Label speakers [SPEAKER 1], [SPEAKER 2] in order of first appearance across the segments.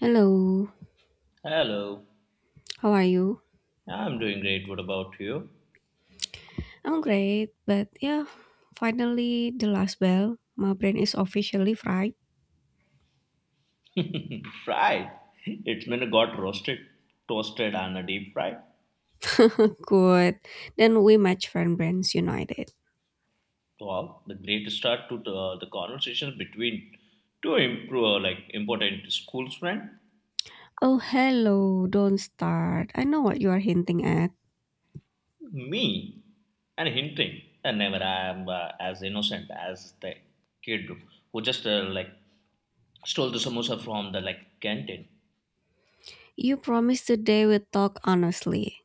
[SPEAKER 1] Hello,
[SPEAKER 2] Hello,
[SPEAKER 1] how are you?
[SPEAKER 2] I'm doing great. What about you?
[SPEAKER 1] I'm great, but yeah, finally the last bell. My brain is officially fried.
[SPEAKER 2] Fried. It's been got roasted, toasted, and a deep fried.
[SPEAKER 1] Good. Then we match friend brands united.
[SPEAKER 2] Wow, the great start to the conversation between two improve, like important school friend,
[SPEAKER 1] Oh, hello, don't start. I know what you are hinting at.
[SPEAKER 2] me, and hinting. And never I am as innocent as the kid who just like stole the samosa from the like canteen.
[SPEAKER 1] You promised today we talk honestly.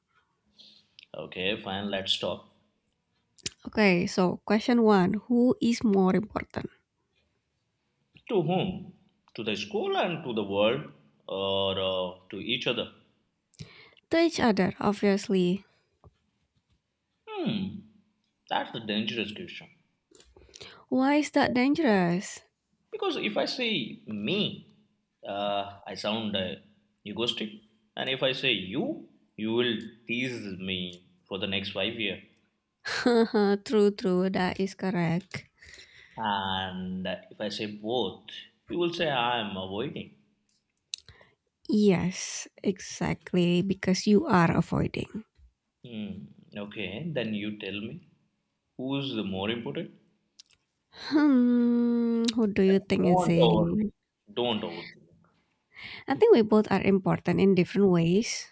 [SPEAKER 2] Okay, fine. Let's talk.
[SPEAKER 1] Okay, so question one Who is more important?
[SPEAKER 2] To whom? To the school and to the world, or to each other?
[SPEAKER 1] To each other, obviously.
[SPEAKER 2] Hmm, that's the dangerous question.
[SPEAKER 1] Why is that dangerous?
[SPEAKER 2] Because if I say me, I sound egoistic, and if I say you, you will tease me for the next 5 years.
[SPEAKER 1] true, true, that is correct.
[SPEAKER 2] And if I say both, you will say I am avoiding.
[SPEAKER 1] Yes, exactly, because you are avoiding.
[SPEAKER 2] Hmm, okay, then you tell me who's the more important.
[SPEAKER 1] Hmm, who do
[SPEAKER 2] And
[SPEAKER 1] you think is
[SPEAKER 2] don't overthink.
[SPEAKER 1] it?
[SPEAKER 2] Don't overthink.
[SPEAKER 1] I think we both are important in different ways.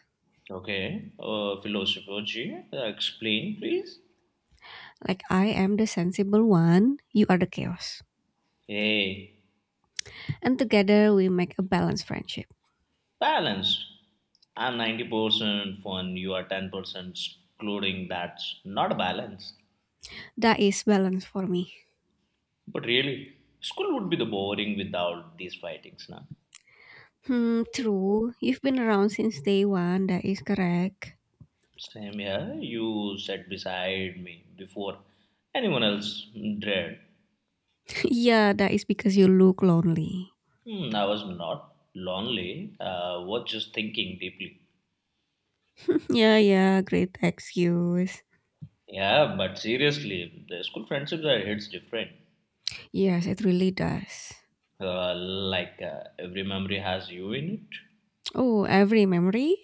[SPEAKER 2] Okay, philosopher G, explain please.
[SPEAKER 1] Like I am the sensible one, you are the chaos.
[SPEAKER 2] Hey,
[SPEAKER 1] And together we make a balanced friendship.
[SPEAKER 2] balanced. I'm 90% fun, you are 10% excluding, that's not a balance.
[SPEAKER 1] That is balance for me.
[SPEAKER 2] But really, school would be the boring without these fightings, na?
[SPEAKER 1] Hmm, true. You've been around since day one, that is correct.
[SPEAKER 2] Same here, you sat beside me before anyone else dread.
[SPEAKER 1] yeah, that is because you look lonely.
[SPEAKER 2] Hmm, I was not lonely, I was just thinking deeply.
[SPEAKER 1] yeah, yeah, great excuse.
[SPEAKER 2] Yeah, but seriously, the school friendships are hits different.
[SPEAKER 1] Yes, it really does.
[SPEAKER 2] Every memory has you in it.
[SPEAKER 1] Oh, every memory?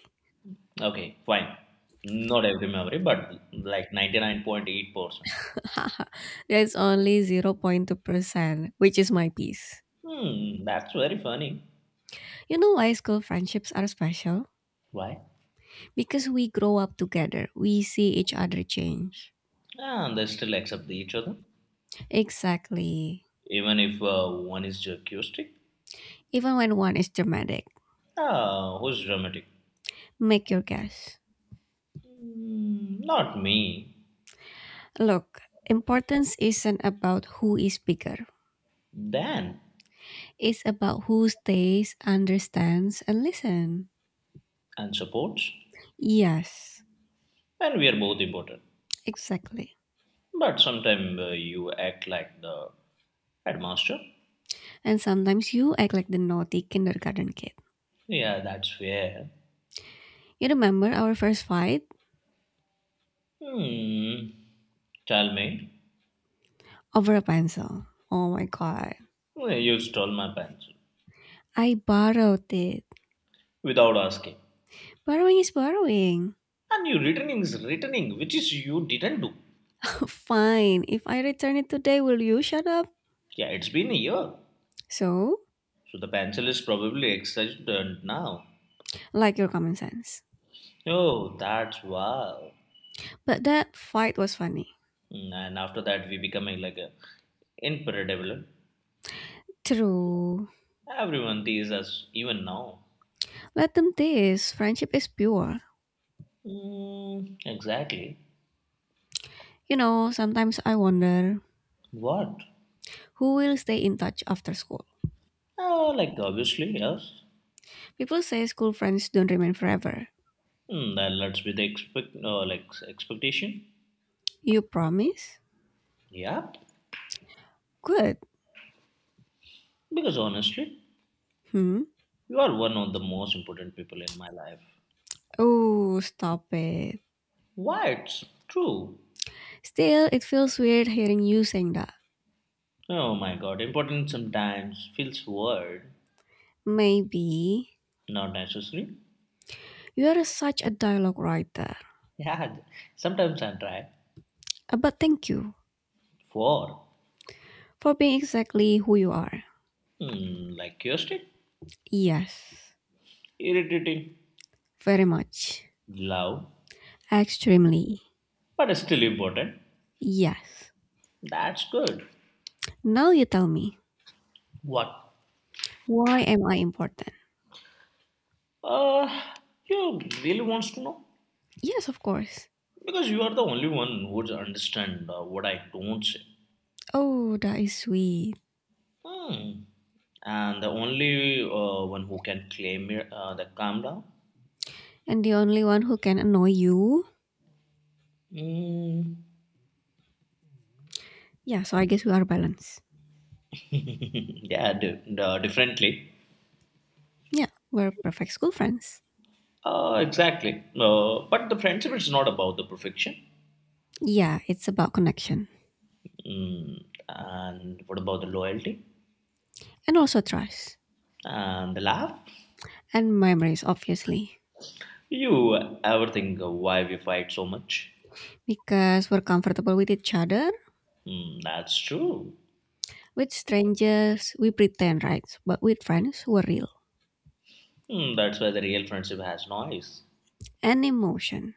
[SPEAKER 2] Okay, fine. Not every memory, but like 99.8%.
[SPEAKER 1] That's only 0.2%, which is my piece.
[SPEAKER 2] Hmm, that's very funny.
[SPEAKER 1] You know why school friendships are special?
[SPEAKER 2] Why?
[SPEAKER 1] Because we grow up together, we see each other change.
[SPEAKER 2] Ah, they still accept each other,
[SPEAKER 1] Exactly.
[SPEAKER 2] even if one is acoustic.
[SPEAKER 1] Even when one is dramatic,
[SPEAKER 2] Ah, who's dramatic?
[SPEAKER 1] make your guess.
[SPEAKER 2] Hmm, not me.
[SPEAKER 1] Look, importance isn't about who is bigger,
[SPEAKER 2] Dan
[SPEAKER 1] it's about who stays, understands, and listens.
[SPEAKER 2] and supports,
[SPEAKER 1] Yes,
[SPEAKER 2] and we are both important.
[SPEAKER 1] exactly.
[SPEAKER 2] But sometimes you act like the headmaster.
[SPEAKER 1] And sometimes you act like the naughty kindergarten kid.
[SPEAKER 2] Yeah, that's fair.
[SPEAKER 1] You remember our first fight?
[SPEAKER 2] Hmm, tell me,
[SPEAKER 1] Over a pencil. Oh my god.
[SPEAKER 2] you stole my pencil
[SPEAKER 1] I borrowed it.
[SPEAKER 2] without asking.
[SPEAKER 1] Borrowing is borrowing.
[SPEAKER 2] And you returning is returning, which is you didn't do.
[SPEAKER 1] Fine, if I return it today, will you shut up?
[SPEAKER 2] Yeah, it's been a year.
[SPEAKER 1] So,
[SPEAKER 2] So the pencil is probably extended now.
[SPEAKER 1] like your common sense.
[SPEAKER 2] Oh, that's wow.
[SPEAKER 1] But that fight was funny.
[SPEAKER 2] Mm, and after that, we becoming like a incredible.
[SPEAKER 1] True.
[SPEAKER 2] Everyone teases us even now.
[SPEAKER 1] Let them tease. Friendship is pure.
[SPEAKER 2] Mm, exactly.
[SPEAKER 1] You know, sometimes I wonder
[SPEAKER 2] What?
[SPEAKER 1] who will stay in touch after school.
[SPEAKER 2] Oh, like obviously yes.
[SPEAKER 1] People say school friends don't remain forever.
[SPEAKER 2] Mm, then let's be the expect like expectation.
[SPEAKER 1] You promise?
[SPEAKER 2] Yeah,
[SPEAKER 1] Good.
[SPEAKER 2] because honestly,
[SPEAKER 1] Hmm?
[SPEAKER 2] you are one of the most important people in my life.
[SPEAKER 1] Oh, stop it.
[SPEAKER 2] Why? It's true.
[SPEAKER 1] Still, it feels weird hearing you saying that.
[SPEAKER 2] Oh my god, important sometimes feels weird,
[SPEAKER 1] Maybe
[SPEAKER 2] not necessary.
[SPEAKER 1] You're such a dialogue writer.
[SPEAKER 2] Yeah, sometimes I try.
[SPEAKER 1] But thank you
[SPEAKER 2] For,
[SPEAKER 1] for being exactly who you are.
[SPEAKER 2] like curiosity,
[SPEAKER 1] Yes.
[SPEAKER 2] irritating,
[SPEAKER 1] Very much.
[SPEAKER 2] love,
[SPEAKER 1] Extremely.
[SPEAKER 2] but still important.
[SPEAKER 1] Yes.
[SPEAKER 2] That's good.
[SPEAKER 1] Now you tell me.
[SPEAKER 2] What?
[SPEAKER 1] Why am I important?
[SPEAKER 2] Uh, you really wants to know?
[SPEAKER 1] Yes, of course.
[SPEAKER 2] Because you are the only one who would understand what I don't say.
[SPEAKER 1] Oh, that is sweet.
[SPEAKER 2] Hmm. And the only one who can claim it, the calm down.
[SPEAKER 1] And the only one who can annoy you?
[SPEAKER 2] Mm.
[SPEAKER 1] Yeah, so I guess we are balanced.
[SPEAKER 2] yeah, differently.
[SPEAKER 1] Yeah, we're perfect school friends.
[SPEAKER 2] Exactly. But the friendship is not about the perfection.
[SPEAKER 1] Yeah, it's about connection.
[SPEAKER 2] Mm, and what about the loyalty
[SPEAKER 1] And also trust.
[SPEAKER 2] and the laugh?
[SPEAKER 1] And memories, obviously.
[SPEAKER 2] You ever think of why we fight so much?
[SPEAKER 1] Because we're comfortable with each other
[SPEAKER 2] Mm, that's true.
[SPEAKER 1] With strangers, we pretend, right? But with friends, we're real.
[SPEAKER 2] Mm, that's why the real friendship has noise
[SPEAKER 1] And emotion.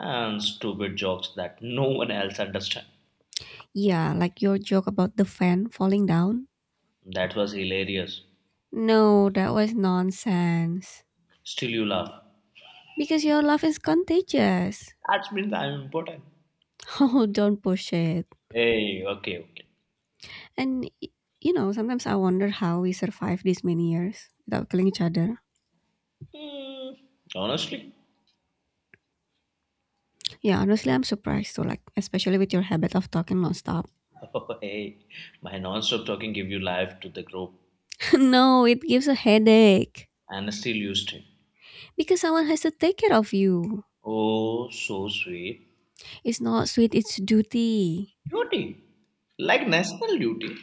[SPEAKER 2] and stupid jokes that no one else understands.
[SPEAKER 1] Yeah, like your joke about the fan falling down.
[SPEAKER 2] That was hilarious.
[SPEAKER 1] No, that was nonsense.
[SPEAKER 2] Still, you laugh.
[SPEAKER 1] Because your love is contagious.
[SPEAKER 2] That means I'm important.
[SPEAKER 1] Oh, don't push it.
[SPEAKER 2] Hey, okay, okay.
[SPEAKER 1] And, you know, sometimes I wonder how we survive these many years without killing each other.
[SPEAKER 2] Mm, honestly,
[SPEAKER 1] Yeah, honestly, I'm surprised too, like, especially with your habit of talking nonstop.
[SPEAKER 2] oh, hey, my non-stop talking give you life to the group.
[SPEAKER 1] no, it gives a headache.
[SPEAKER 2] And still used it.
[SPEAKER 1] Because someone has to take care of you.
[SPEAKER 2] Oh, so sweet.
[SPEAKER 1] It's not sweet, it's duty.
[SPEAKER 2] Duty. Like national duty.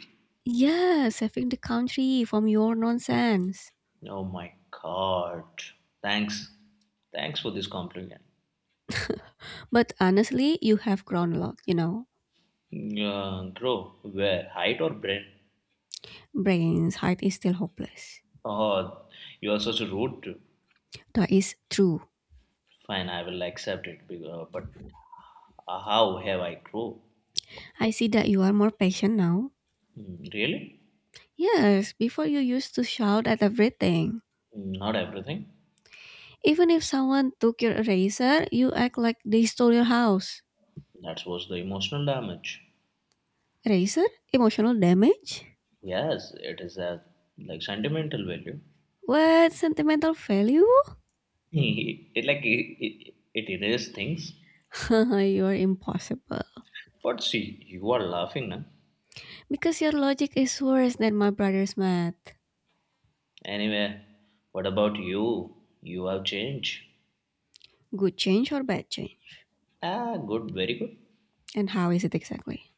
[SPEAKER 1] Yeah, saving the country from your nonsense.
[SPEAKER 2] Oh my god. Thanks. Thanks for this compliment.
[SPEAKER 1] But honestly, you have grown a lot, you know.
[SPEAKER 2] Grow. Where? Height or brain?
[SPEAKER 1] Brains height is still hopeless.
[SPEAKER 2] Oh, you are such a rude.
[SPEAKER 1] That is true.
[SPEAKER 2] Fine, I will accept it. But how have I grow?
[SPEAKER 1] I see that you are more patient now.
[SPEAKER 2] Hmm, really?
[SPEAKER 1] Yes, before you used to shout at everything.
[SPEAKER 2] Not everything.
[SPEAKER 1] Even if someone took your eraser, you act like they stole your house.
[SPEAKER 2] That was the emotional damage.
[SPEAKER 1] Eraser? Emotional damage?
[SPEAKER 2] Yes, it is a like sentimental value.
[SPEAKER 1] What? Sentimental value?
[SPEAKER 2] It like it erases things.
[SPEAKER 1] you are impossible.
[SPEAKER 2] But see, you are laughing, na?
[SPEAKER 1] Because your logic is worse than my brother's math.
[SPEAKER 2] Anyway, what about you? You have changed.
[SPEAKER 1] Good change or bad change?
[SPEAKER 2] Ah, good, very good.
[SPEAKER 1] And how is it exactly?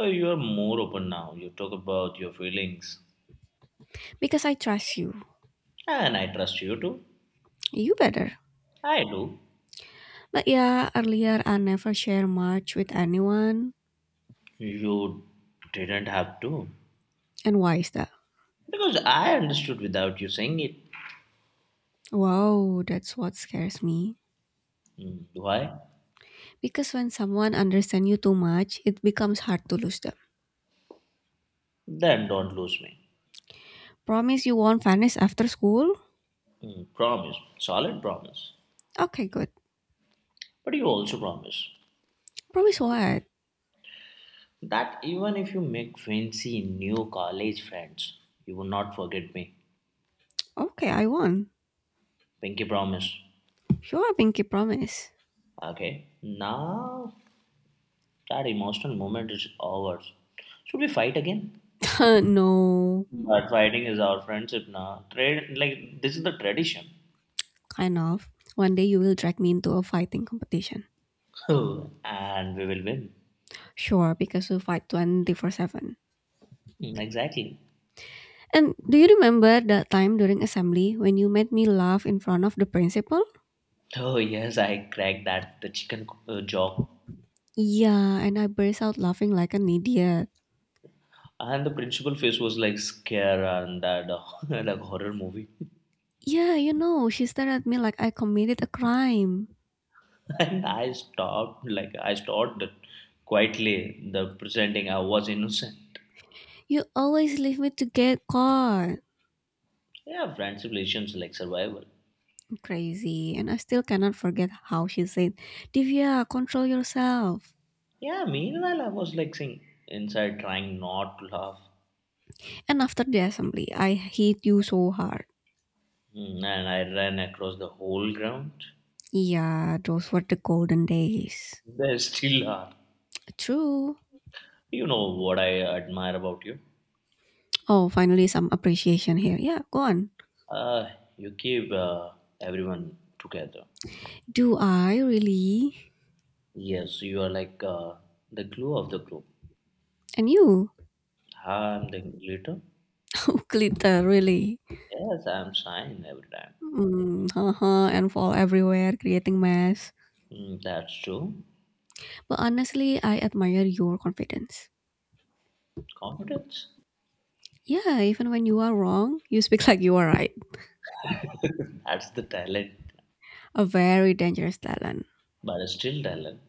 [SPEAKER 2] Oh, you are more open now. You talk about your feelings,
[SPEAKER 1] Because I trust you.
[SPEAKER 2] and I trust you too.
[SPEAKER 1] You better.
[SPEAKER 2] I do.
[SPEAKER 1] But yeah, earlier I never share much with anyone.
[SPEAKER 2] You didn't have to,
[SPEAKER 1] And why is that?
[SPEAKER 2] because I understood without you saying it.
[SPEAKER 1] Wow, that's what scares me.
[SPEAKER 2] Hmm, do I?
[SPEAKER 1] Because when someone understands you too much, it becomes hard to lose them.
[SPEAKER 2] Then don't lose me.
[SPEAKER 1] Promise you won't vanish after school?
[SPEAKER 2] Hmm, promise, solid promise.
[SPEAKER 1] Okay, good.
[SPEAKER 2] But you also promise.
[SPEAKER 1] Promise what?
[SPEAKER 2] That even if you make fancy new college friends, you will not forget me.
[SPEAKER 1] Okay, I won.
[SPEAKER 2] Pinky promise.
[SPEAKER 1] Sure, Pinky, promise.
[SPEAKER 2] Okay, now that emotional moment is ours. Should we fight again?
[SPEAKER 1] no,
[SPEAKER 2] But fighting is our friendship now. Trade like this is the tradition.
[SPEAKER 1] kind of. One day you will drag me into a fighting competition.
[SPEAKER 2] Oh, and we will win.
[SPEAKER 1] Sure, because we fight 24/7.
[SPEAKER 2] Mm, exactly.
[SPEAKER 1] And do you remember that time during assembly when you made me laugh in front of the principal?
[SPEAKER 2] Oh yes, I cracked that the chicken joke,
[SPEAKER 1] Yeah, and I burst out laughing like an idiot.
[SPEAKER 2] and the principal face was like scare and that like horror movie.
[SPEAKER 1] Yeah, you know, she stared at me like I committed a crime.
[SPEAKER 2] And I stopped it quietly, the pretending I was innocent.
[SPEAKER 1] You always leave me to get caught.
[SPEAKER 2] Yeah, friendship relations like survival.
[SPEAKER 1] Crazy. And I still cannot forget how she said, Divya, control yourself.
[SPEAKER 2] Yeah, meanwhile, I was like saying inside, trying not to laugh.
[SPEAKER 1] And after the assembly, I hit you so hard.
[SPEAKER 2] Mm, and I ran across the whole ground.
[SPEAKER 1] Yeah, those were the golden days.
[SPEAKER 2] There still are.
[SPEAKER 1] True.
[SPEAKER 2] You know what I admire about you?
[SPEAKER 1] Oh, finally some appreciation here. Yeah, go on.
[SPEAKER 2] Uh, you keep everyone together.
[SPEAKER 1] Do I really?
[SPEAKER 2] Yes, you are like the glue of the group.
[SPEAKER 1] And you?
[SPEAKER 2] I'm the glitter.
[SPEAKER 1] Glitter, really.
[SPEAKER 2] Yes, I'm shine every time.
[SPEAKER 1] Mm, haha, and fall everywhere, creating mess.
[SPEAKER 2] Mm, that's true.
[SPEAKER 1] But honestly, I admire your confidence.
[SPEAKER 2] Competence?
[SPEAKER 1] Yeah, even when you are wrong, you speak like you are right.
[SPEAKER 2] That's the talent,
[SPEAKER 1] A very dangerous talent.
[SPEAKER 2] but it's still talent.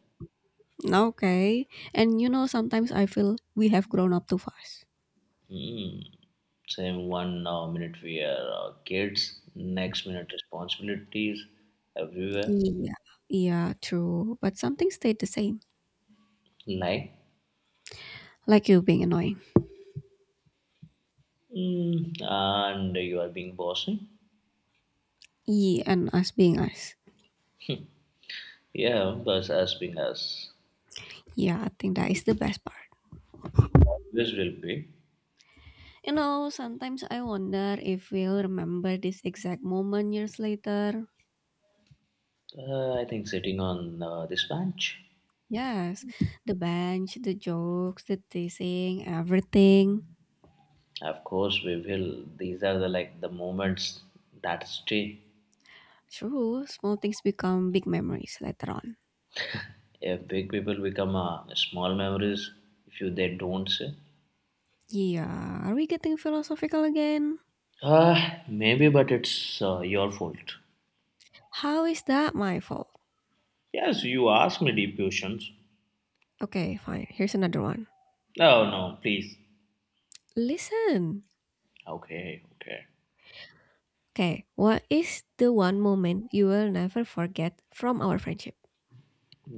[SPEAKER 1] Okay. And you know, sometimes I feel we have grown up too fast.
[SPEAKER 2] Hmm. Same one minute we are kids, next minute responsibilities everywhere.
[SPEAKER 1] Yeah, yeah, true. But something stayed the same.
[SPEAKER 2] Like,
[SPEAKER 1] Like you being annoying.
[SPEAKER 2] and you are being bossy.
[SPEAKER 1] Yeah, and us being us.
[SPEAKER 2] Yeah, but as being as
[SPEAKER 1] Yeah, I think that is the best part.
[SPEAKER 2] always will be.
[SPEAKER 1] You know, sometimes I wonder if we'll remember this exact moment years later.
[SPEAKER 2] I think sitting on this bench.
[SPEAKER 1] Yes, the bench, the jokes, the teasing, everything.
[SPEAKER 2] Of course, we will. These are the moments that stay.
[SPEAKER 1] True, small things become big memories later on.
[SPEAKER 2] If big people become small memories, if you they don't say.
[SPEAKER 1] Yeah, are we getting philosophical again?
[SPEAKER 2] Maybe, but it's your fault.
[SPEAKER 1] How is that my fault?
[SPEAKER 2] Yes, you ask me deep questions.
[SPEAKER 1] Okay, fine. Here's another one.
[SPEAKER 2] No, no, please.
[SPEAKER 1] Listen.
[SPEAKER 2] Okay, okay.
[SPEAKER 1] Okay, what is the one moment you will never forget from our friendship?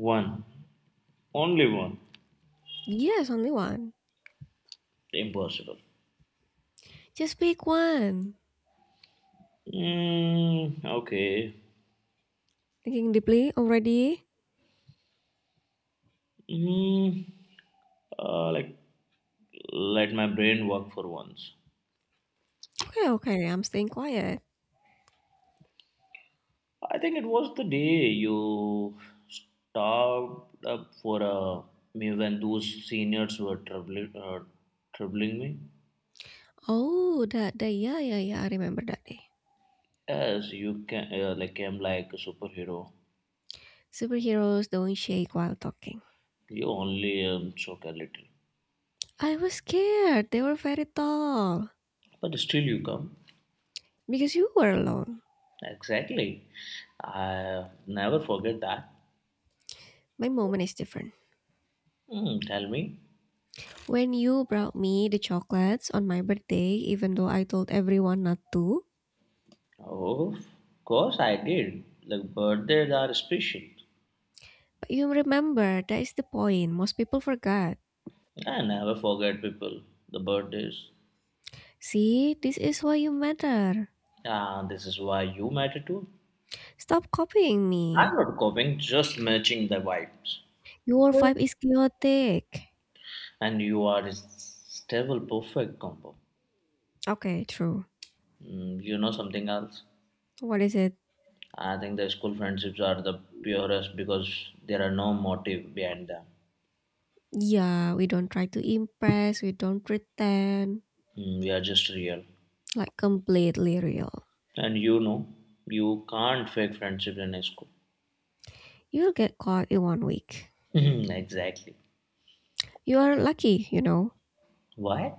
[SPEAKER 2] One. Only one.
[SPEAKER 1] Yes, only one.
[SPEAKER 2] Impossible.
[SPEAKER 1] Just pick one.
[SPEAKER 2] Mm, okay.
[SPEAKER 1] Thinking deeply already?
[SPEAKER 2] Mm, uh, like, let my brain work for once.
[SPEAKER 1] Okay, okay, I'm staying quiet.
[SPEAKER 2] I think it was the day you stopped up for me when those seniors were troubling me.
[SPEAKER 1] Oh, that day. Yeah, yeah, yeah. I remember that day.
[SPEAKER 2] Yes, you can, I'm like a superhero.
[SPEAKER 1] Superheroes don't shake while talking.
[SPEAKER 2] You only choke a little,
[SPEAKER 1] I was scared. They were very tall.
[SPEAKER 2] but still you come.
[SPEAKER 1] Because you were alone.
[SPEAKER 2] Exactly. I never forget that.
[SPEAKER 1] My moment is different.
[SPEAKER 2] Mm, tell me.
[SPEAKER 1] When you brought me the chocolates on my birthday, even though I told everyone not to.
[SPEAKER 2] Oh, of course I did. Like birthdays are special.
[SPEAKER 1] But you remember, that is the point. Most people forgot.
[SPEAKER 2] I never forget people. The birthdays.
[SPEAKER 1] See, this is why you matter.
[SPEAKER 2] Ah, this is why you matter too.
[SPEAKER 1] Stop copying
[SPEAKER 2] I'm
[SPEAKER 1] me.
[SPEAKER 2] not copying, just matching the vibes.
[SPEAKER 1] Your vibe is chaotic.
[SPEAKER 2] And you are a stable, perfect combo.
[SPEAKER 1] Okay, true.
[SPEAKER 2] Mm, you know something else?
[SPEAKER 1] What is it?
[SPEAKER 2] I think the school friendships are the purest because there are no motive behind them.
[SPEAKER 1] Yeah, we don't try to impress, we don't pretend,
[SPEAKER 2] Mm, we are just real.
[SPEAKER 1] like completely real.
[SPEAKER 2] And you can't fake friendship in school.
[SPEAKER 1] You'll get caught in one week.
[SPEAKER 2] exactly.
[SPEAKER 1] You are lucky, you know,
[SPEAKER 2] Why?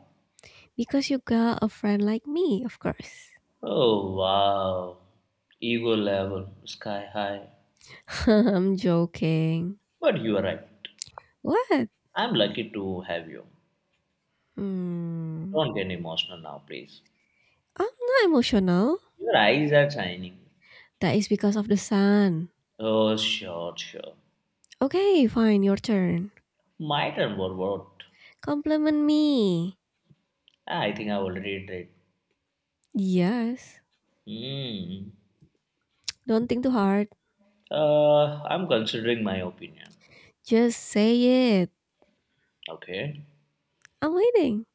[SPEAKER 1] because you got a friend like me, of course.
[SPEAKER 2] Oh, wow. Ego level, sky high.
[SPEAKER 1] I'm joking.
[SPEAKER 2] But you are right.
[SPEAKER 1] What?
[SPEAKER 2] I'm lucky to have you.
[SPEAKER 1] Hmm.
[SPEAKER 2] Don't get emotional now, please.
[SPEAKER 1] I'm not emotional.
[SPEAKER 2] Your eyes are shining.
[SPEAKER 1] That is because of the sun.
[SPEAKER 2] Oh, sure, sure.
[SPEAKER 1] Okay, fine, your turn.
[SPEAKER 2] My turn for what?
[SPEAKER 1] Compliment me.
[SPEAKER 2] I think I already did.
[SPEAKER 1] Yes.
[SPEAKER 2] Hmm.
[SPEAKER 1] Don't think too hard.
[SPEAKER 2] I'm considering my opinion.
[SPEAKER 1] Just say it.
[SPEAKER 2] Okay.
[SPEAKER 1] I'm waiting.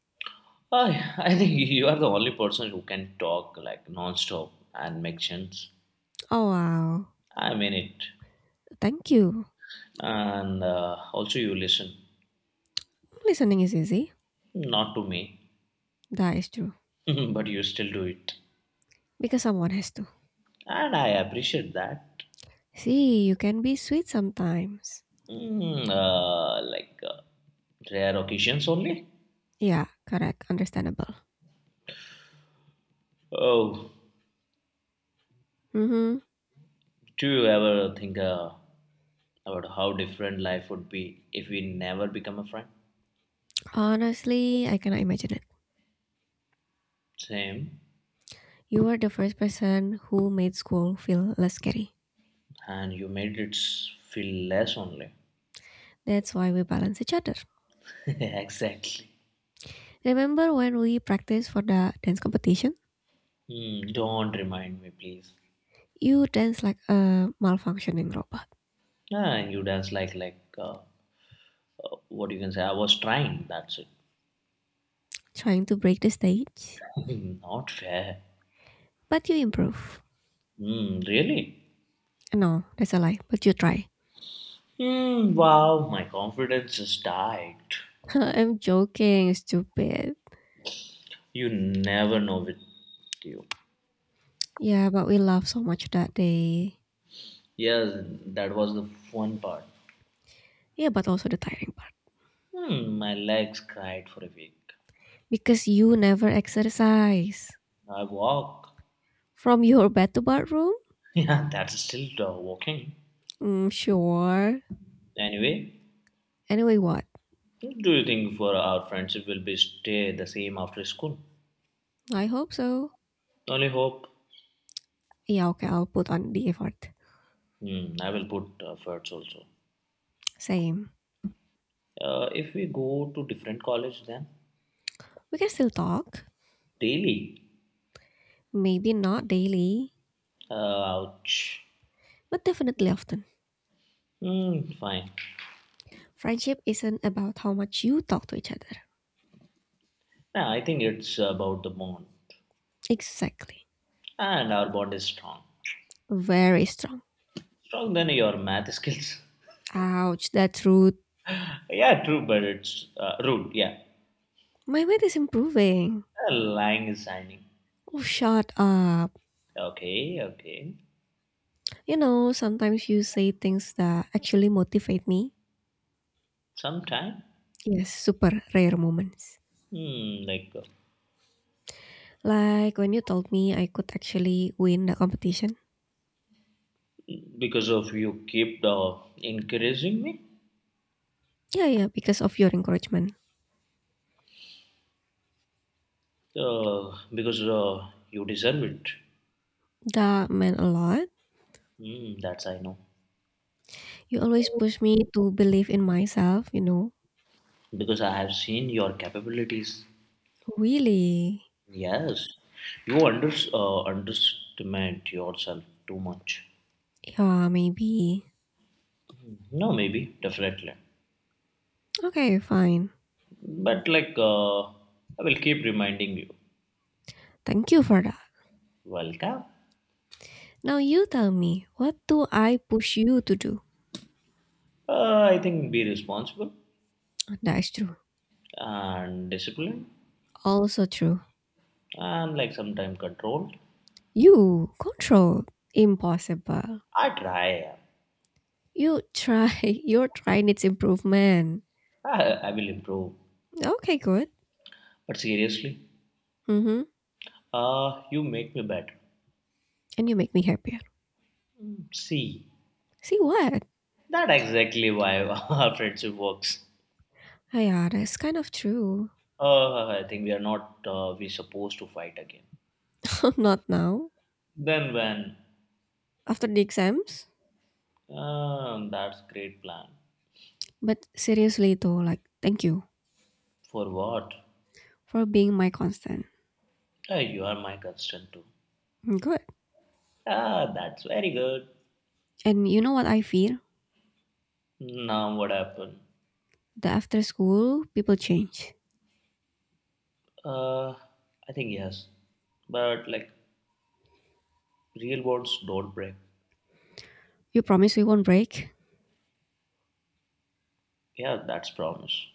[SPEAKER 2] I, I think you are the only person who can talk like non-stop and make sense.
[SPEAKER 1] Oh wow.
[SPEAKER 2] I mean it.
[SPEAKER 1] Thank you.
[SPEAKER 2] And also you listen,
[SPEAKER 1] Listening is easy.
[SPEAKER 2] not to me,
[SPEAKER 1] That is true.
[SPEAKER 2] but you still do it.
[SPEAKER 1] Because someone has to.
[SPEAKER 2] And I appreciate that.
[SPEAKER 1] See, you can be sweet sometimes.
[SPEAKER 2] Mm, rare occasions only.
[SPEAKER 1] Yeah, correct. Understandable.
[SPEAKER 2] Oh,
[SPEAKER 1] Mm-hmm.
[SPEAKER 2] do you ever think about how different life would be if we never become a friend?
[SPEAKER 1] Honestly, I cannot imagine it.
[SPEAKER 2] Same.
[SPEAKER 1] You are the first person who made school feel less scary.
[SPEAKER 2] And you made it feel less only.
[SPEAKER 1] That's why we balance each other.
[SPEAKER 2] exactly.
[SPEAKER 1] Remember when we practiced for the dance competition?
[SPEAKER 2] Mm, don't remind me, please.
[SPEAKER 1] You dance like a malfunctioning robot,
[SPEAKER 2] Ah, you dance like what you can say. I was trying. That's it.
[SPEAKER 1] trying to break the stage.
[SPEAKER 2] Not fair.
[SPEAKER 1] But you improve.
[SPEAKER 2] Mm, really?
[SPEAKER 1] No, that's a lie, but you try.
[SPEAKER 2] Mm, wow, my confidence has died.
[SPEAKER 1] I'm joking, stupid.
[SPEAKER 2] You never know with you.
[SPEAKER 1] Yeah, but we laughed so much that day.
[SPEAKER 2] Yes, that was the fun part.
[SPEAKER 1] Yeah, but also the tiring part
[SPEAKER 2] Hmm, my legs cried for a week.
[SPEAKER 1] because you never exercise.
[SPEAKER 2] I walk.
[SPEAKER 1] From your bed to bathroom?
[SPEAKER 2] Yeah, that's still walking.
[SPEAKER 1] Mm, sure.
[SPEAKER 2] Anyway,
[SPEAKER 1] Anyway, what?
[SPEAKER 2] do you think for our friendship will be stay the same after school?
[SPEAKER 1] I hope so.
[SPEAKER 2] Only hope.
[SPEAKER 1] Yeah, okay, I'll put on the effort.
[SPEAKER 2] Hmm. I will put efforts also.
[SPEAKER 1] Same.
[SPEAKER 2] If we go to different college, then
[SPEAKER 1] We can still talk.
[SPEAKER 2] daily.
[SPEAKER 1] Maybe not daily,
[SPEAKER 2] Uh, ouch.
[SPEAKER 1] but definitely often.
[SPEAKER 2] Hmm. Fine.
[SPEAKER 1] Friendship isn't about how much you talk to each other.
[SPEAKER 2] Yeah, I think it's about the bond,
[SPEAKER 1] Exactly.
[SPEAKER 2] and our bond is strong.
[SPEAKER 1] Very strong.
[SPEAKER 2] Strong than your math skills.
[SPEAKER 1] Ouch, that's rude.
[SPEAKER 2] yeah, true, but it's rude. Yeah,
[SPEAKER 1] My weight is improving.
[SPEAKER 2] Lying is shining.
[SPEAKER 1] Oh, shut up.
[SPEAKER 2] Okay, okay.
[SPEAKER 1] You know, sometimes you say things that actually motivate me
[SPEAKER 2] Sometime,
[SPEAKER 1] Yes, super rare moments.
[SPEAKER 2] like
[SPEAKER 1] Like when you told me I could actually win the competition.
[SPEAKER 2] because of you keep encouraging me,
[SPEAKER 1] Yeah, yeah, because of your encouragement.
[SPEAKER 2] because you deserve it.
[SPEAKER 1] That meant a lot.
[SPEAKER 2] Hmm, that's I know.
[SPEAKER 1] You always push me to believe in myself, you know.
[SPEAKER 2] Because I have seen your capabilities.
[SPEAKER 1] Really?
[SPEAKER 2] Yes, you underestimate yourself too much.
[SPEAKER 1] Yeah, maybe.
[SPEAKER 2] No, maybe, definitely.
[SPEAKER 1] Okay, fine.
[SPEAKER 2] But like, I will keep reminding you.
[SPEAKER 1] Thank you for that.
[SPEAKER 2] Welcome.
[SPEAKER 1] Now you tell me, what do I push you to do?
[SPEAKER 2] I think be responsible
[SPEAKER 1] That is true.
[SPEAKER 2] and disciplined
[SPEAKER 1] Also true.
[SPEAKER 2] and like sometimes controlled.
[SPEAKER 1] You control. Impossible.
[SPEAKER 2] I try.
[SPEAKER 1] You try. Your try needs improvement.
[SPEAKER 2] I, I will improve.
[SPEAKER 1] Okay, good.
[SPEAKER 2] But seriously,
[SPEAKER 1] Mm-hmm.
[SPEAKER 2] you make me better.
[SPEAKER 1] and you make me happier.
[SPEAKER 2] Hmm. See,
[SPEAKER 1] See what?
[SPEAKER 2] that exactly why our friendship works.
[SPEAKER 1] Ah, yeah, that's kind of true.
[SPEAKER 2] I think we are not we supposed to fight again.
[SPEAKER 1] Not now,
[SPEAKER 2] Then when?
[SPEAKER 1] after the exams.
[SPEAKER 2] Ah, that's great plan.
[SPEAKER 1] But seriously, though, like, thank you
[SPEAKER 2] For what?
[SPEAKER 1] for being my constant.
[SPEAKER 2] Ah, you are my constant too.
[SPEAKER 1] Mm, Good.
[SPEAKER 2] Ah, that's very good.
[SPEAKER 1] And you know what I fear?
[SPEAKER 2] Now what happened?
[SPEAKER 1] That after school, people change.
[SPEAKER 2] Uh, I think yes, but like real bonds don't break.
[SPEAKER 1] You promise we won't break,
[SPEAKER 2] Yeah, that's promise.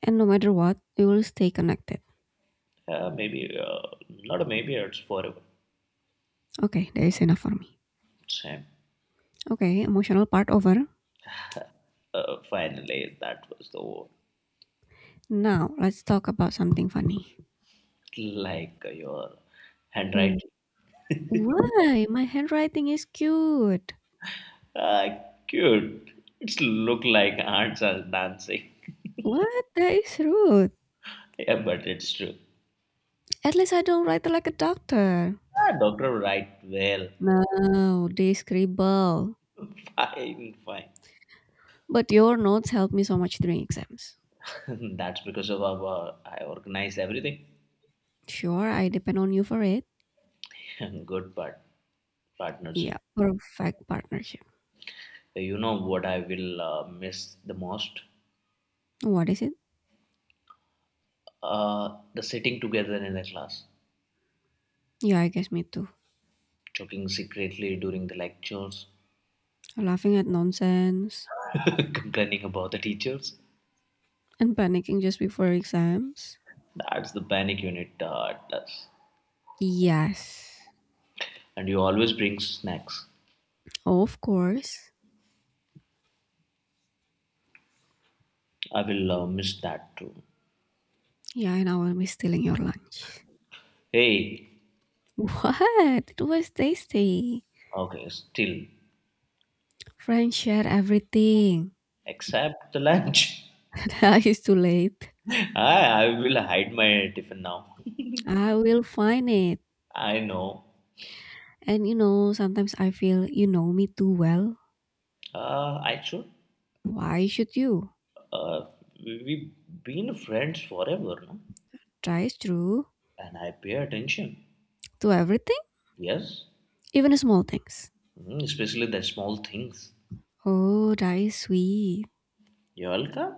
[SPEAKER 1] and no matter what, we will stay connected.
[SPEAKER 2] Yeah, maybe not a maybe. It's forever.
[SPEAKER 1] Okay, that is enough for me.
[SPEAKER 2] Same.
[SPEAKER 1] Okay, emotional part over.
[SPEAKER 2] Finally, that was the word.
[SPEAKER 1] Now, let's talk about something funny.
[SPEAKER 2] Like your handwriting.
[SPEAKER 1] Why? My handwriting is cute.
[SPEAKER 2] Ah, cute. It's look like ants are dancing.
[SPEAKER 1] What? That is rude.
[SPEAKER 2] Yeah, but it's true.
[SPEAKER 1] At least I don't write like a doctor.
[SPEAKER 2] Ah, doctor right well.
[SPEAKER 1] No, they scribble.
[SPEAKER 2] Fine, fine.
[SPEAKER 1] But your notes help me so much during exams.
[SPEAKER 2] That's because of our, I organize everything.
[SPEAKER 1] Sure, I depend on you for it.
[SPEAKER 2] Good partnership.
[SPEAKER 1] Yeah, perfect partnership.
[SPEAKER 2] You know what I will miss the most?
[SPEAKER 1] What is it?
[SPEAKER 2] The sitting together in the class,
[SPEAKER 1] Yeah, I guess me too.
[SPEAKER 2] talking secretly during the lectures,
[SPEAKER 1] Laughing at nonsense
[SPEAKER 2] complaining about the teachers.
[SPEAKER 1] and panicking just before exams.
[SPEAKER 2] That's the panic unit does.
[SPEAKER 1] Yes,
[SPEAKER 2] And you always bring snacks.
[SPEAKER 1] of course.
[SPEAKER 2] I will miss that too.
[SPEAKER 1] Yeah, and I will be stealing your lunch.
[SPEAKER 2] Hey,
[SPEAKER 1] What? It was tasty.
[SPEAKER 2] okay, still,
[SPEAKER 1] Friends share everything.
[SPEAKER 2] except the lunch.
[SPEAKER 1] That is too late.
[SPEAKER 2] I will hide my tiffin now.
[SPEAKER 1] I will find it.
[SPEAKER 2] I know.
[SPEAKER 1] And you know, sometimes I feel you know me too well.
[SPEAKER 2] I should.
[SPEAKER 1] Why should you?
[SPEAKER 2] Uh, we've been friends forever, no?
[SPEAKER 1] That is true.
[SPEAKER 2] And I pay attention.
[SPEAKER 1] To everything,
[SPEAKER 2] Yes,
[SPEAKER 1] even small things.
[SPEAKER 2] mm, especially the small things.
[SPEAKER 1] Oh, that is sweet.
[SPEAKER 2] You're welcome,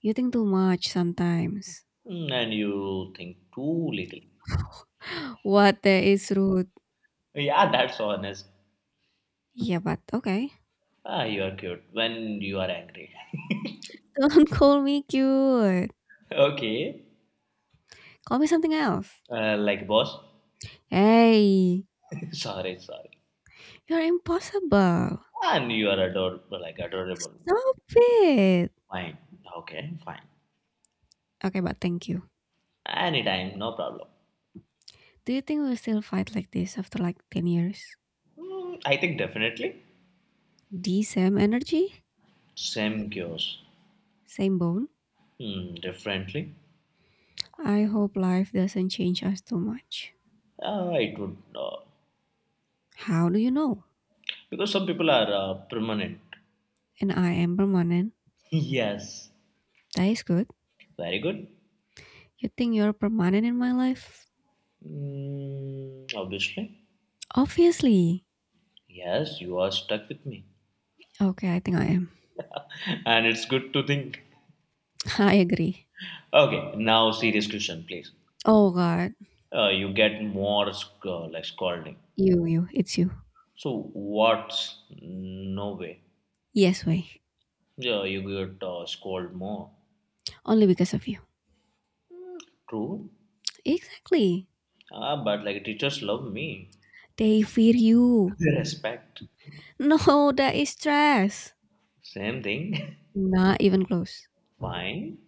[SPEAKER 1] You think too much sometimes.
[SPEAKER 2] mm, and you think too little.
[SPEAKER 1] What that is rude.
[SPEAKER 2] Yeah, that's honest.
[SPEAKER 1] Yeah, but okay.
[SPEAKER 2] Ah, you are cute when you are angry.
[SPEAKER 1] Don't call me cute.
[SPEAKER 2] okay,
[SPEAKER 1] Call me something else.
[SPEAKER 2] like boss.
[SPEAKER 1] Hey,
[SPEAKER 2] sorry, sorry.
[SPEAKER 1] you're impossible.
[SPEAKER 2] And you are adorable, like adorable.
[SPEAKER 1] Stop it.
[SPEAKER 2] Fine. Okay, fine.
[SPEAKER 1] Okay, but thank you.
[SPEAKER 2] Anytime, no problem.
[SPEAKER 1] Do you think we'll still fight like this after like 10 years?
[SPEAKER 2] Mm, I think definitely.
[SPEAKER 1] The same energy?
[SPEAKER 2] Same cures.
[SPEAKER 1] Same bone?
[SPEAKER 2] Hmm, differently.
[SPEAKER 1] I hope life doesn't change us too much.
[SPEAKER 2] It would.
[SPEAKER 1] How do you know?
[SPEAKER 2] Because some people are permanent.
[SPEAKER 1] And I am permanent.
[SPEAKER 2] Yes.
[SPEAKER 1] That is good.
[SPEAKER 2] Very good.
[SPEAKER 1] You think you're permanent in my life?
[SPEAKER 2] Mm, obviously.
[SPEAKER 1] Obviously.
[SPEAKER 2] Yes, you are stuck with me.
[SPEAKER 1] Okay, I think I am.
[SPEAKER 2] And it's good to think.
[SPEAKER 1] I agree.
[SPEAKER 2] Okay, now serious question, please.
[SPEAKER 1] Oh god.
[SPEAKER 2] You get more like scolding.
[SPEAKER 1] You, it's you.
[SPEAKER 2] So what's no way?
[SPEAKER 1] Yes, way.
[SPEAKER 2] Yeah, you get scolded more.
[SPEAKER 1] Only because of you.
[SPEAKER 2] True.
[SPEAKER 1] Exactly.
[SPEAKER 2] Ah, but like teachers love me.
[SPEAKER 1] They fear you.
[SPEAKER 2] They respect.
[SPEAKER 1] No, that is stress.
[SPEAKER 2] Same thing.
[SPEAKER 1] Not even close.
[SPEAKER 2] Fine.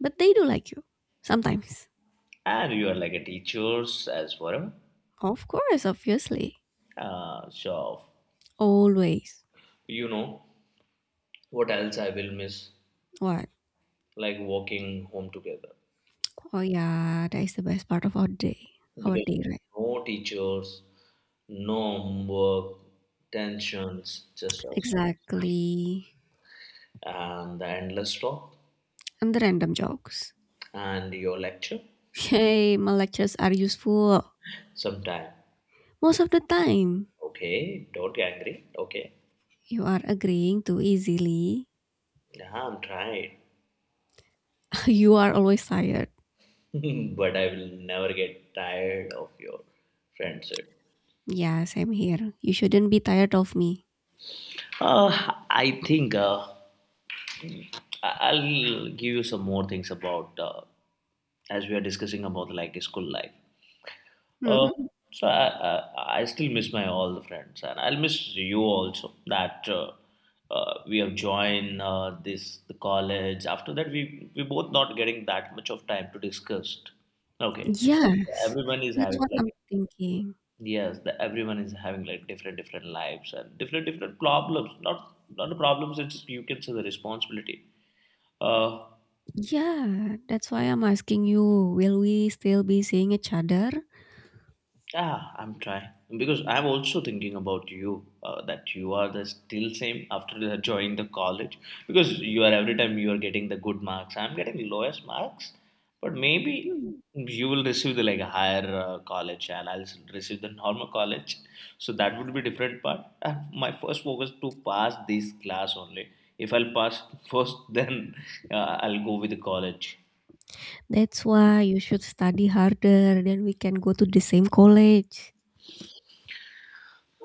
[SPEAKER 1] But they do like you. Sometimes.
[SPEAKER 2] And you are like a teachers as well.
[SPEAKER 1] Of course, obviously.
[SPEAKER 2] So
[SPEAKER 1] Always.
[SPEAKER 2] you know what else I will miss?
[SPEAKER 1] What?
[SPEAKER 2] Like walking home together
[SPEAKER 1] Oh yeah, that is the best part of our day. Our
[SPEAKER 2] because
[SPEAKER 1] day, right?
[SPEAKER 2] no teachers, no homework, tensions, just us,
[SPEAKER 1] Exactly.
[SPEAKER 2] and the endless talk
[SPEAKER 1] And the random jokes.
[SPEAKER 2] and your lecture
[SPEAKER 1] Hey, my lectures are useful.
[SPEAKER 2] sometime.
[SPEAKER 1] Most of the time,
[SPEAKER 2] Okay, don't get angry. Okay.
[SPEAKER 1] you are agreeing too easily.
[SPEAKER 2] Yeah, I'm trying,
[SPEAKER 1] you are always tired.
[SPEAKER 2] but I will never get tired of your friendship.
[SPEAKER 1] Yeah, same here. You shouldn't be tired of me.
[SPEAKER 2] I think I- I'll give you some more things about as we are discussing about like school life. Uh,
[SPEAKER 1] Hmm
[SPEAKER 2] so I still miss my all the friends, and I'll miss you also. That we have joined this the college. After that, we both not getting that much of time to discuss. Okay,
[SPEAKER 1] Yes,
[SPEAKER 2] everyone is
[SPEAKER 1] that's
[SPEAKER 2] having
[SPEAKER 1] what I'm
[SPEAKER 2] like
[SPEAKER 1] thinking.
[SPEAKER 2] yes, everyone is having like different different lives and different different problems. Not the problems. It's you can say the responsibility. Uh,
[SPEAKER 1] Yeah, that's why I'm asking you, will we still be seeing each other?
[SPEAKER 2] I'm trying because I'm also thinking about you that you are the still same after joining the college because you are every time you are getting the good marks. I'm getting lowest marks, but maybe
[SPEAKER 1] Hmm.
[SPEAKER 2] you will receive the like a higher college and I'll receive the normal college. So that would be different part. And my first focus to pass this class only. If I'll pass first, then I'll go with the college.
[SPEAKER 1] That's why you should study harder, then we can go to the same college.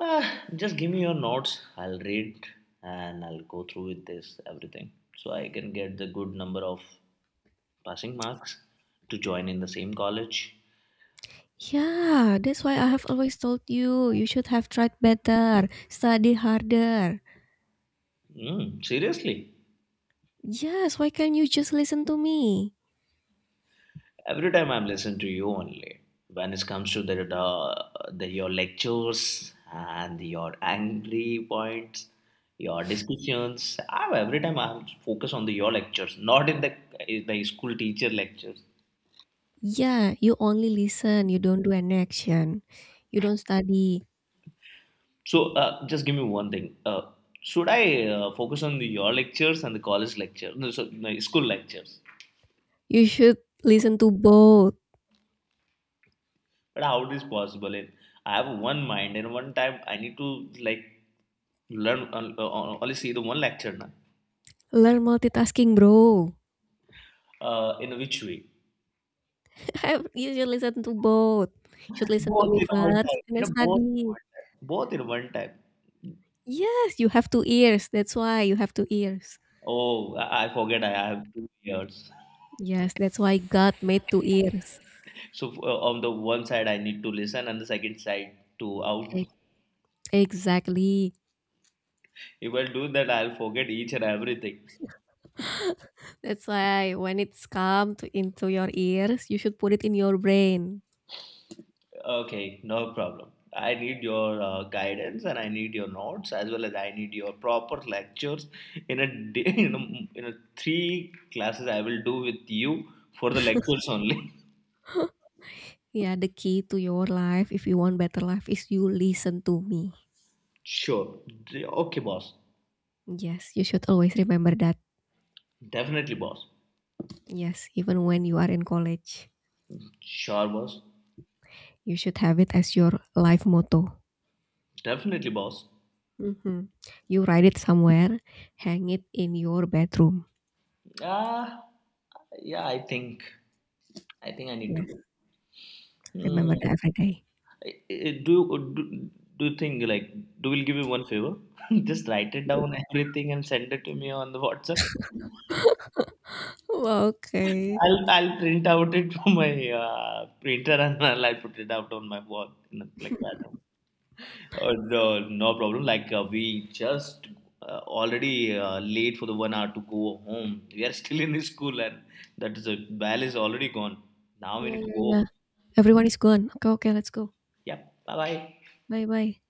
[SPEAKER 2] Uh, just give me your notes. I'll read and I'll go through with this everything so I can get the good number of passing marks to join in the same college.
[SPEAKER 1] Yeah, that's why I have always told you, you should have tried better, study harder.
[SPEAKER 2] Mm, seriously,
[SPEAKER 1] Yes, why can't you just listen to me?
[SPEAKER 2] every time I'm listening to you only, when it comes to the your lectures and your angry points, your discussions, I every time I focus on the your lectures, not in the school teacher lectures.
[SPEAKER 1] Yeah, you only listen, you don't do an action. You don't study.
[SPEAKER 2] So, just give me one thing. Should I focus on your lectures and the college lecture? No, so no school lectures.
[SPEAKER 1] You should listen to both.
[SPEAKER 2] But how it is possible? And I have one mind, and one time I need to like learn only see the one lecture now.
[SPEAKER 1] Learn multitasking, bro.
[SPEAKER 2] In which way?
[SPEAKER 1] you should listen to both. You should listen to
[SPEAKER 2] Both
[SPEAKER 1] me
[SPEAKER 2] in one
[SPEAKER 1] first
[SPEAKER 2] time.
[SPEAKER 1] and
[SPEAKER 2] You
[SPEAKER 1] then
[SPEAKER 2] know, both in
[SPEAKER 1] study.
[SPEAKER 2] one time. Both in one time.
[SPEAKER 1] Yes, you have two ears. That's why you have two ears.
[SPEAKER 2] Oh, I forget. I have two ears.
[SPEAKER 1] Yes, that's why God made two ears.
[SPEAKER 2] So on the one side, I need to listen, and the second side to out.
[SPEAKER 1] E- Exactly.
[SPEAKER 2] If I do that, I'll forget each and everything.
[SPEAKER 1] That's why when it's come to into your ears, you should put it in your brain.
[SPEAKER 2] Okay, no problem. I need your guidance and I need your notes as well as I need your proper lectures in a day, in a three classes I will do with you for the lectures only.
[SPEAKER 1] Yeah, the key to your life, if you want better life, is you listen to me.
[SPEAKER 2] Sure. Okay, boss.
[SPEAKER 1] Yes, you should always remember that.
[SPEAKER 2] Definitely, boss.
[SPEAKER 1] Yes, even when you are in college,
[SPEAKER 2] Sure, boss.
[SPEAKER 1] you should have it as your life motto.
[SPEAKER 2] Definitely, boss.
[SPEAKER 1] Mhm. You write it somewhere, hang it in your bedroom.
[SPEAKER 2] Ah, yeah. I think I need to
[SPEAKER 1] Yes,
[SPEAKER 2] do.
[SPEAKER 1] remember
[SPEAKER 2] Hmm.
[SPEAKER 1] that every day.
[SPEAKER 2] I- I- Do do do you think like do will give you one favor? Just write it down everything and send it to me on the WhatsApp.
[SPEAKER 1] okay.
[SPEAKER 2] I'll print out it from my printer and I'll put it out on my wall in know, like that. Uh, no, no problem. Like we just already late for the 1 hour to go home. We are still in the school and that is a bell is already gone. Now we
[SPEAKER 1] Yeah,
[SPEAKER 2] need to
[SPEAKER 1] yeah,
[SPEAKER 2] go.
[SPEAKER 1] yeah. Everyone is gone. Okay, okay, let's go.
[SPEAKER 2] Yep. Bye bye.
[SPEAKER 1] Bye bye.